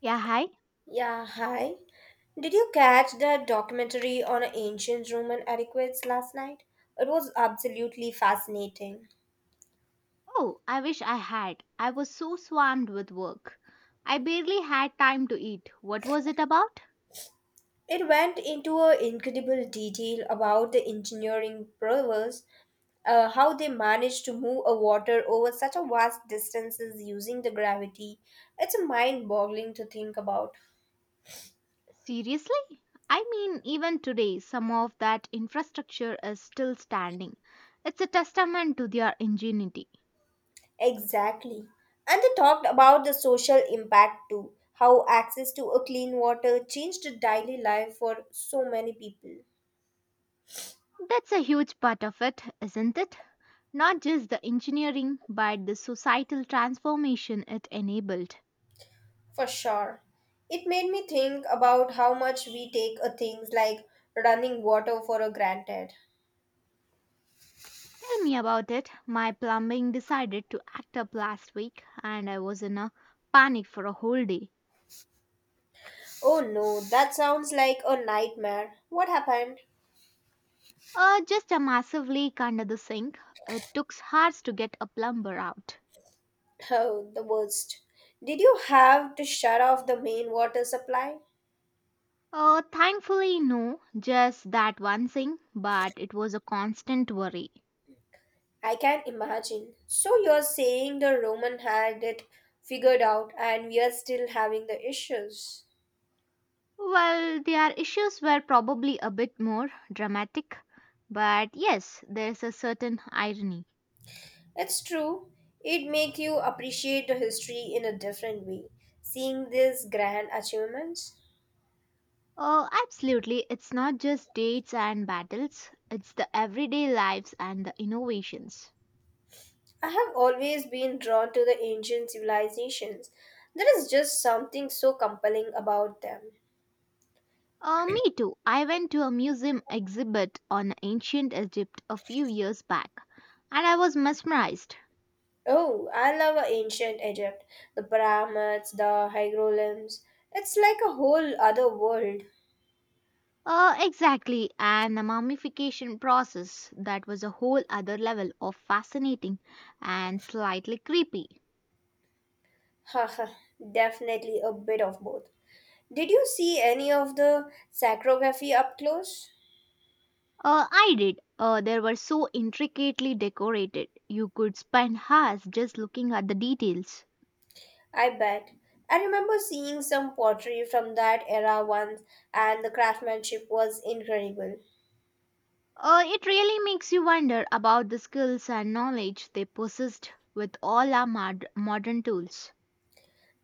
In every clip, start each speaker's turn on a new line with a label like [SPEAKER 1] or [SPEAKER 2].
[SPEAKER 1] Yeah, hi.
[SPEAKER 2] Yeah, hi. Did you catch that documentary on ancient Roman adequates last night? It was absolutely fascinating.
[SPEAKER 1] Oh, I wish I had. I was so swamped with work. I barely had time to eat. What was it about?
[SPEAKER 2] It went into a incredible detail about the engineering brewers, how they managed to move a water over such a vast distances using the gravity. It's mind-boggling to think about.
[SPEAKER 1] Seriously? I mean, even today, some of that infrastructure is still standing. It's a testament to their ingenuity.
[SPEAKER 2] Exactly. And they talked about the social impact too, how access to a clean water changed the daily life for so many people.
[SPEAKER 1] That's a huge part of it, isn't it? Not just the engineering, but the societal transformation it enabled.
[SPEAKER 2] For sure. It made me think about how much we take things like running water for a granted.
[SPEAKER 1] Tell me about it. My plumbing decided to act up last week and I was in a panic for a whole day.
[SPEAKER 2] Oh no, that sounds like a nightmare. What happened?
[SPEAKER 1] Just a massive leak under the sink. It took hours to get a plumber out.
[SPEAKER 2] Oh, the worst. Did you have to shut off the main water supply?
[SPEAKER 1] Thankfully, no, just that one thing, but it was a constant worry.
[SPEAKER 2] I can imagine. So you're saying the Roman had it figured out and we are still having the issues.
[SPEAKER 1] Well, their issues were probably a bit more dramatic, but yes, there's a certain irony.
[SPEAKER 2] It's true. It make you appreciate the history in a different way, seeing these grand achievements.
[SPEAKER 1] Oh, absolutely. It's not just dates and battles, it's the everyday lives and the innovations.
[SPEAKER 2] I have always been drawn to the ancient civilizations. There is just something so compelling about them.
[SPEAKER 1] Me too. I went to a museum exhibit on ancient Egypt a few years back and I was mesmerized.
[SPEAKER 2] Oh, I love ancient Egypt, the pyramids, the hieroglyphs. It's like a whole other world.
[SPEAKER 1] Exactly, and the mummification process that was a whole other level of fascinating and slightly creepy.
[SPEAKER 2] Haha, definitely a bit of both. Did you see any of the sacrography up close?
[SPEAKER 1] I did. They were so intricately decorated, you could spend hours just looking at the details.
[SPEAKER 2] I bet. I remember seeing some pottery from that era once, and the craftsmanship was incredible.
[SPEAKER 1] It really makes you wonder about the skills and knowledge they possessed with all our modern tools.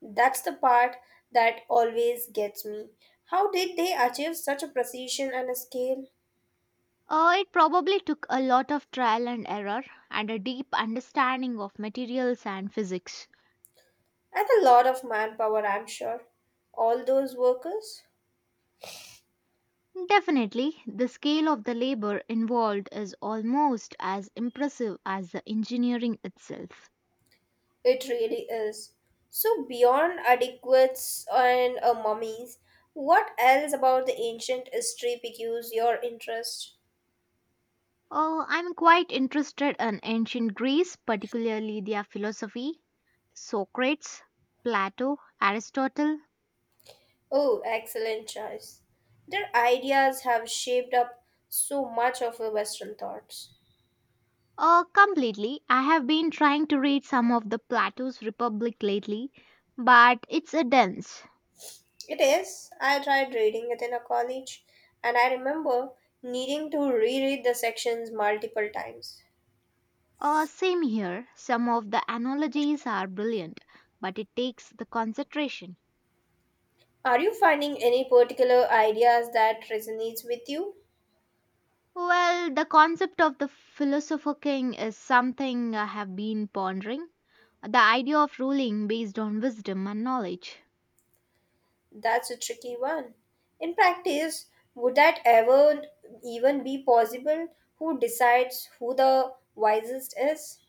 [SPEAKER 2] That's the part that always gets me. How did they achieve such a precision and a scale?
[SPEAKER 1] It probably took a lot of trial and error and a deep understanding of materials and physics.
[SPEAKER 2] And a lot of manpower, I'm sure. All those workers?
[SPEAKER 1] Definitely, the scale of the labor involved is almost as impressive as the engineering itself.
[SPEAKER 2] It really is. So, beyond adequates and mummies, what else about the ancient history piques your interest?
[SPEAKER 1] Oh, I'm quite interested in ancient Greece, particularly their philosophy, Socrates, Plato, Aristotle.
[SPEAKER 2] Oh, excellent choice. Their ideas have shaped up so much of our Western thoughts.
[SPEAKER 1] Completely. I have been trying to read some of the Plato's Republic lately, but it's a dense.
[SPEAKER 2] It is. I tried reading it in a college, and I remember needing to reread the sections multiple times.
[SPEAKER 1] Same here. Some of the analogies are brilliant, but it takes the concentration.
[SPEAKER 2] Are you finding any particular ideas that resonates with you?
[SPEAKER 1] Well, the concept of the philosopher king is something I have been pondering. The idea of ruling based on wisdom and knowledge.
[SPEAKER 2] That's a tricky one. In practice, would that ever even be possible? Who decides who the wisest is?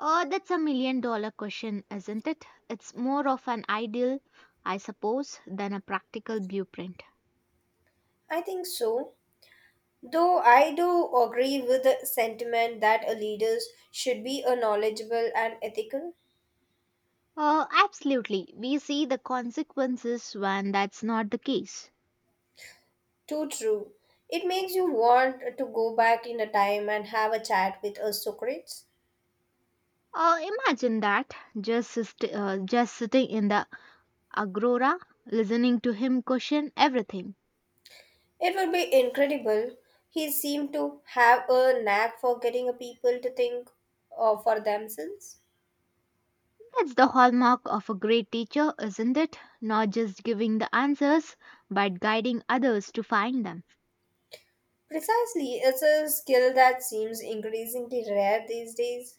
[SPEAKER 1] Oh, that's a million dollar question, isn't it? It's more of an ideal, I suppose, than a practical blueprint.
[SPEAKER 2] I think so. Though I do agree with the sentiment that a leader should be a knowledgeable and ethical.
[SPEAKER 1] Absolutely. We see the consequences when that's not the case.
[SPEAKER 2] Too true. It makes you want to go back in a time and have a chat with a Socrates.
[SPEAKER 1] Imagine that just just sitting in the agora, listening to him question everything.
[SPEAKER 2] It would be incredible. He seemed to have a knack for getting a people to think for themselves.
[SPEAKER 1] That's the hallmark of a great teacher, isn't it? Not just giving the answers, but guiding others to find them.
[SPEAKER 2] Precisely, it's a skill that seems increasingly rare these days.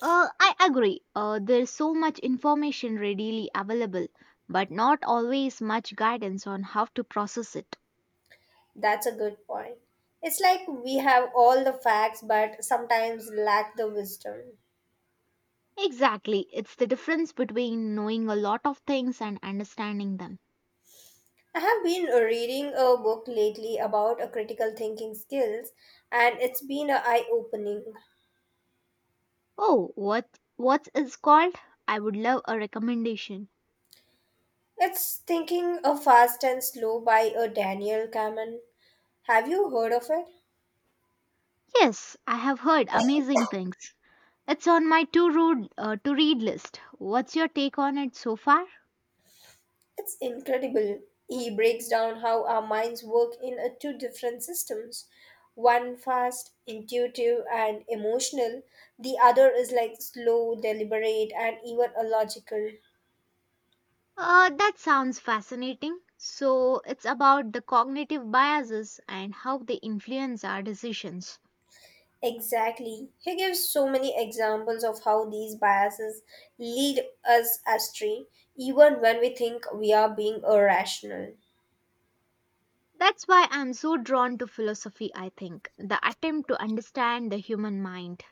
[SPEAKER 1] I agree. There's so much information readily available, but not always much guidance on how to process it.
[SPEAKER 2] That's a good point. It's like we have all the facts but sometimes lack the wisdom.
[SPEAKER 1] Exactly. It's the difference between knowing a lot of things and understanding them.
[SPEAKER 2] I have been reading a book lately about a critical thinking skills and it's been eye opening.
[SPEAKER 1] Oh, what is called? I would love a recommendation.
[SPEAKER 2] It's Thinking a Fast and Slow by a Daniel Kahneman. Have you heard of it?
[SPEAKER 1] Yes, I have heard amazing things. It's on my to read list. What's your take on it so far?
[SPEAKER 2] It's incredible. He breaks down how our minds work in a two different systems one fast, intuitive, and emotional, the other is like slow, deliberate, and even illogical.
[SPEAKER 1] That sounds fascinating. So, it's about the cognitive biases and how they influence our decisions.
[SPEAKER 2] Exactly. He gives so many examples of how these biases lead us astray, even when we think we are being irrational.
[SPEAKER 1] That's why I'm so drawn to philosophy, I think, the attempt to understand the human mind.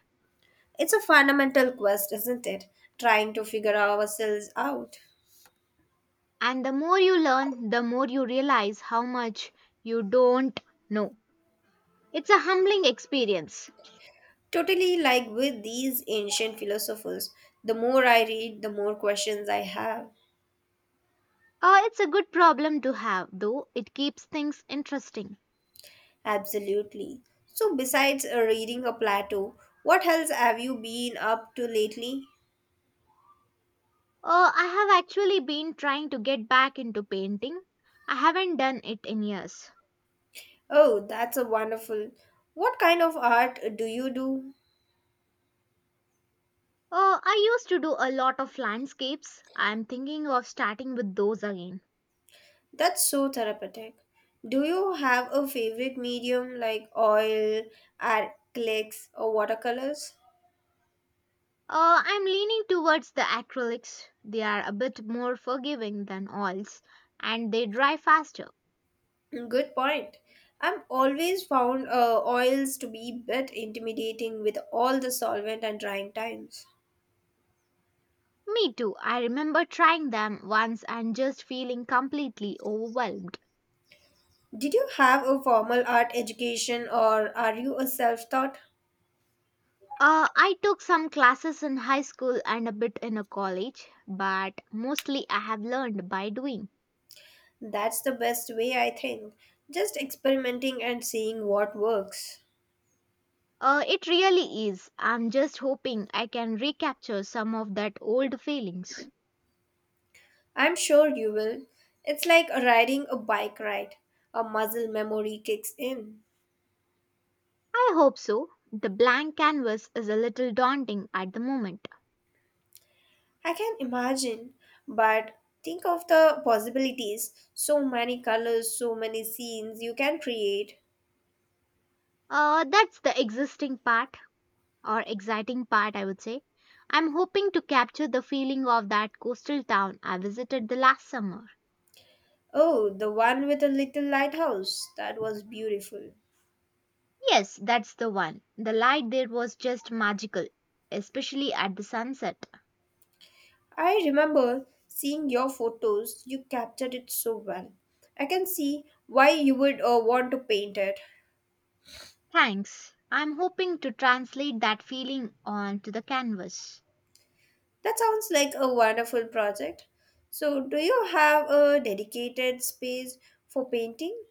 [SPEAKER 2] It's a fundamental quest, isn't it? Trying to figure ourselves out.
[SPEAKER 1] And the more you learn, the more you realize how much you don't know. It's a humbling experience.
[SPEAKER 2] Totally like with these ancient philosophers, the more I read, the more questions I have.
[SPEAKER 1] It's a good problem to have, though. It keeps things interesting.
[SPEAKER 2] Absolutely. So, besides reading a Plato, what else have you been up to lately?
[SPEAKER 1] I have actually been trying to get back into painting. I haven't done it in years.
[SPEAKER 2] Oh, that's a wonderful. What kind of art do you do?
[SPEAKER 1] I used to do a lot of landscapes. I'm thinking of starting with those again.
[SPEAKER 2] That's so therapeutic. Do you have a favorite medium like oil, acrylics, or watercolors?
[SPEAKER 1] I'm leaning towards the acrylics. They are a bit more forgiving than oils and they dry faster.
[SPEAKER 2] Good point. I've always found oils to be a bit intimidating with all the solvent and drying times.
[SPEAKER 1] Me too. I remember trying them once and just feeling completely overwhelmed.
[SPEAKER 2] Did you have a formal art education or are you a self taught?
[SPEAKER 1] I took some classes in high school and a bit in a college, but mostly I have learned by doing.
[SPEAKER 2] That's the best way, I think. Just experimenting and seeing what works.
[SPEAKER 1] It really is. I'm just hoping I can recapture some of that old feelings.
[SPEAKER 2] I'm sure you will. It's like riding a bike ride, a muscle memory kicks in.
[SPEAKER 1] I hope so. The blank canvas is a little daunting at the moment.
[SPEAKER 2] I can imagine, but think of the possibilities. So many colors, so many scenes you can create.
[SPEAKER 1] That's the existing part, or exciting part, I would say. I'm hoping to capture the feeling of that coastal town I visited the last summer.
[SPEAKER 2] Oh, the one with a little lighthouse. That was beautiful.
[SPEAKER 1] Yes, that's the one. The light there was just magical, especially at the sunset.
[SPEAKER 2] I remember seeing your photos. You captured it so well. I can see why you would want to paint it.
[SPEAKER 1] Thanks. I'm hoping to translate that feeling onto the canvas.
[SPEAKER 2] That sounds like a wonderful project. So, do you have a dedicated space for painting?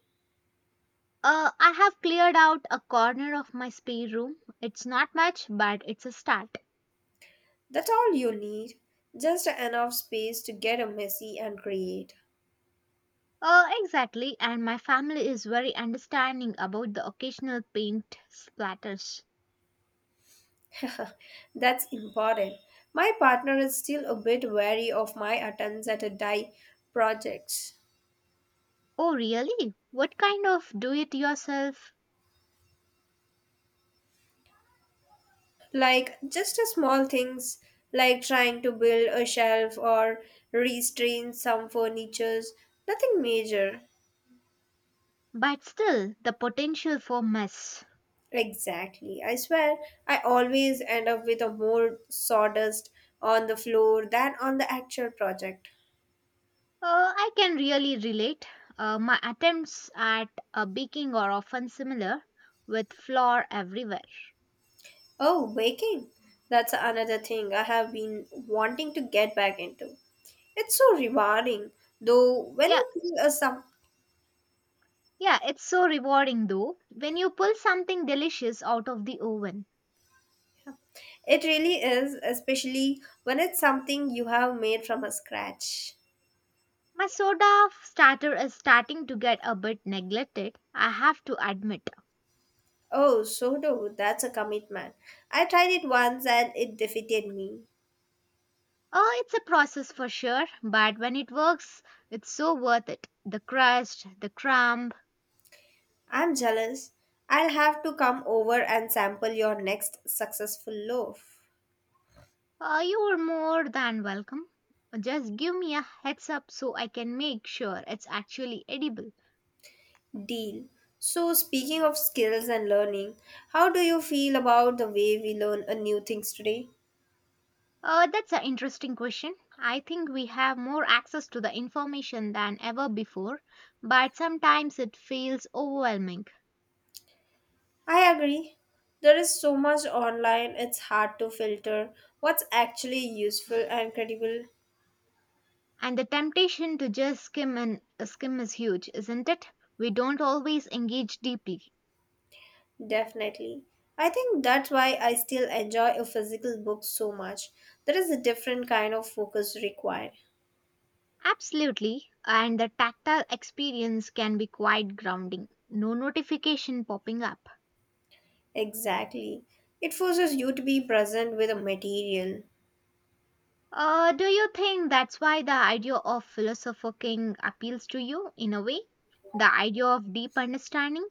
[SPEAKER 1] I have cleared out a corner of my spare room. It's not much, but it's a start.
[SPEAKER 2] That's all you need. Just enough space to get a messy and create.
[SPEAKER 1] Exactly, and my family is very understanding about the occasional paint splatters.
[SPEAKER 2] That's important. My partner is still a bit wary of my attempts at a dye projects.
[SPEAKER 1] Oh, really? What kind of do it yourself?
[SPEAKER 2] Like just a small things like trying to build a shelf or restrain some furnitures. Nothing major.
[SPEAKER 1] But still, the potential for mess.
[SPEAKER 2] Exactly. I swear I always end up with a more sawdust on the floor than on the actual project.
[SPEAKER 1] I can really relate. My attempts at baking are often similar, with flour everywhere.
[SPEAKER 2] Oh, baking. That's another thing I have been wanting to get back into. It's so rewarding, though, when
[SPEAKER 1] Yeah,
[SPEAKER 2] you feel a some,
[SPEAKER 1] yeah, it's so rewarding though when you pull something delicious out of the oven.
[SPEAKER 2] yeah. It really is, especially when it's something you have made from a scratch.
[SPEAKER 1] My soda starter is starting to get a bit neglected, I have to admit.
[SPEAKER 2] Oh, sourdough, that's a commitment. I tried it once and it defeated me.
[SPEAKER 1] Oh, it's a process for sure, but when it works, it's so worth it. The crust, the crumb,
[SPEAKER 2] I'm jealous. I'll have to come over and sample your next successful loaf.
[SPEAKER 1] you are more than welcome. Just give me a heads up so I can make sure it's actually edible.
[SPEAKER 2] Deal. So, speaking of skills and learning, how do you feel about the way we learn new things today?
[SPEAKER 1] That's an interesting question. I think we have more access to the information than ever before, but sometimes it feels overwhelming.
[SPEAKER 2] I agree. There is so much online, it's hard to filter what's actually useful and credible.
[SPEAKER 1] And the temptation to just skim and skim is huge, isn't it? We don't always engage deeply.
[SPEAKER 2] Definitely. I think that's why I still enjoy a physical book so much. There is a different kind of focus required.
[SPEAKER 1] Absolutely, and the tactile experience can be quite grounding. No notification popping up.
[SPEAKER 2] Exactly. It forces you to be present with a material.
[SPEAKER 1] Do you think that's why the idea of philosopher king appeals to you in a way? The idea of deep understanding?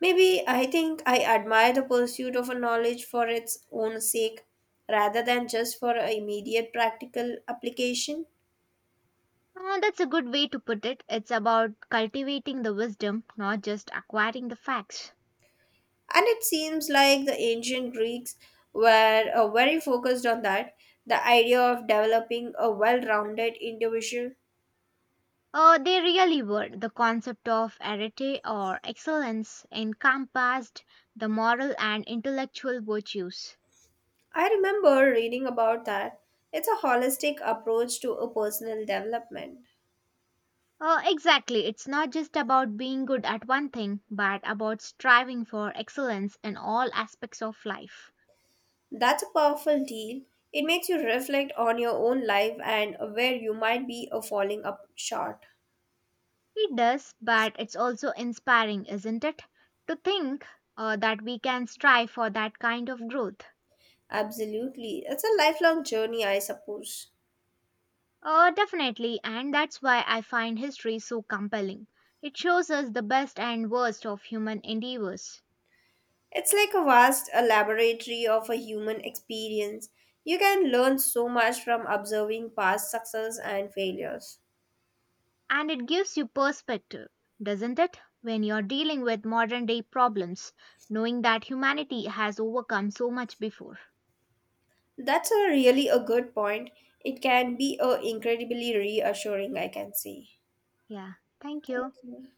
[SPEAKER 2] Maybe I think I admire the pursuit of a knowledge for its own sake rather than just for a immediate practical application.
[SPEAKER 1] That's a good way to put it. It's about cultivating the wisdom, not just acquiring the facts.
[SPEAKER 2] And it seems like the ancient Greeks were very focused on that, the idea of developing a well rounded individual.
[SPEAKER 1] They really were. The concept of arete or excellence encompassed the moral and intellectual virtues.
[SPEAKER 2] I remember reading about that. It's a holistic approach to a personal development.
[SPEAKER 1] Exactly. It's not just about being good at one thing, but about striving for excellence in all aspects of life.
[SPEAKER 2] That's a powerful deal. It makes you reflect on your own life and where you might be falling up short.
[SPEAKER 1] It does, but it's also inspiring, isn't it? To think that we can strive for that kind of growth.
[SPEAKER 2] Absolutely. It's a lifelong journey, I suppose.
[SPEAKER 1] Definitely, and that's why I find history so compelling. It shows us the best and worst of human endeavors.
[SPEAKER 2] It's like a vast a laboratory of a human experience. You can learn so much from observing past success and failures.
[SPEAKER 1] And it gives you perspective, doesn't it? When you're dealing with modern day problems, knowing that humanity has overcome so much before.
[SPEAKER 2] That's a really a good point. It can be a incredibly reassuring, I can say.
[SPEAKER 1] Yeah, thank
[SPEAKER 2] Thank
[SPEAKER 1] you.
[SPEAKER 2] you.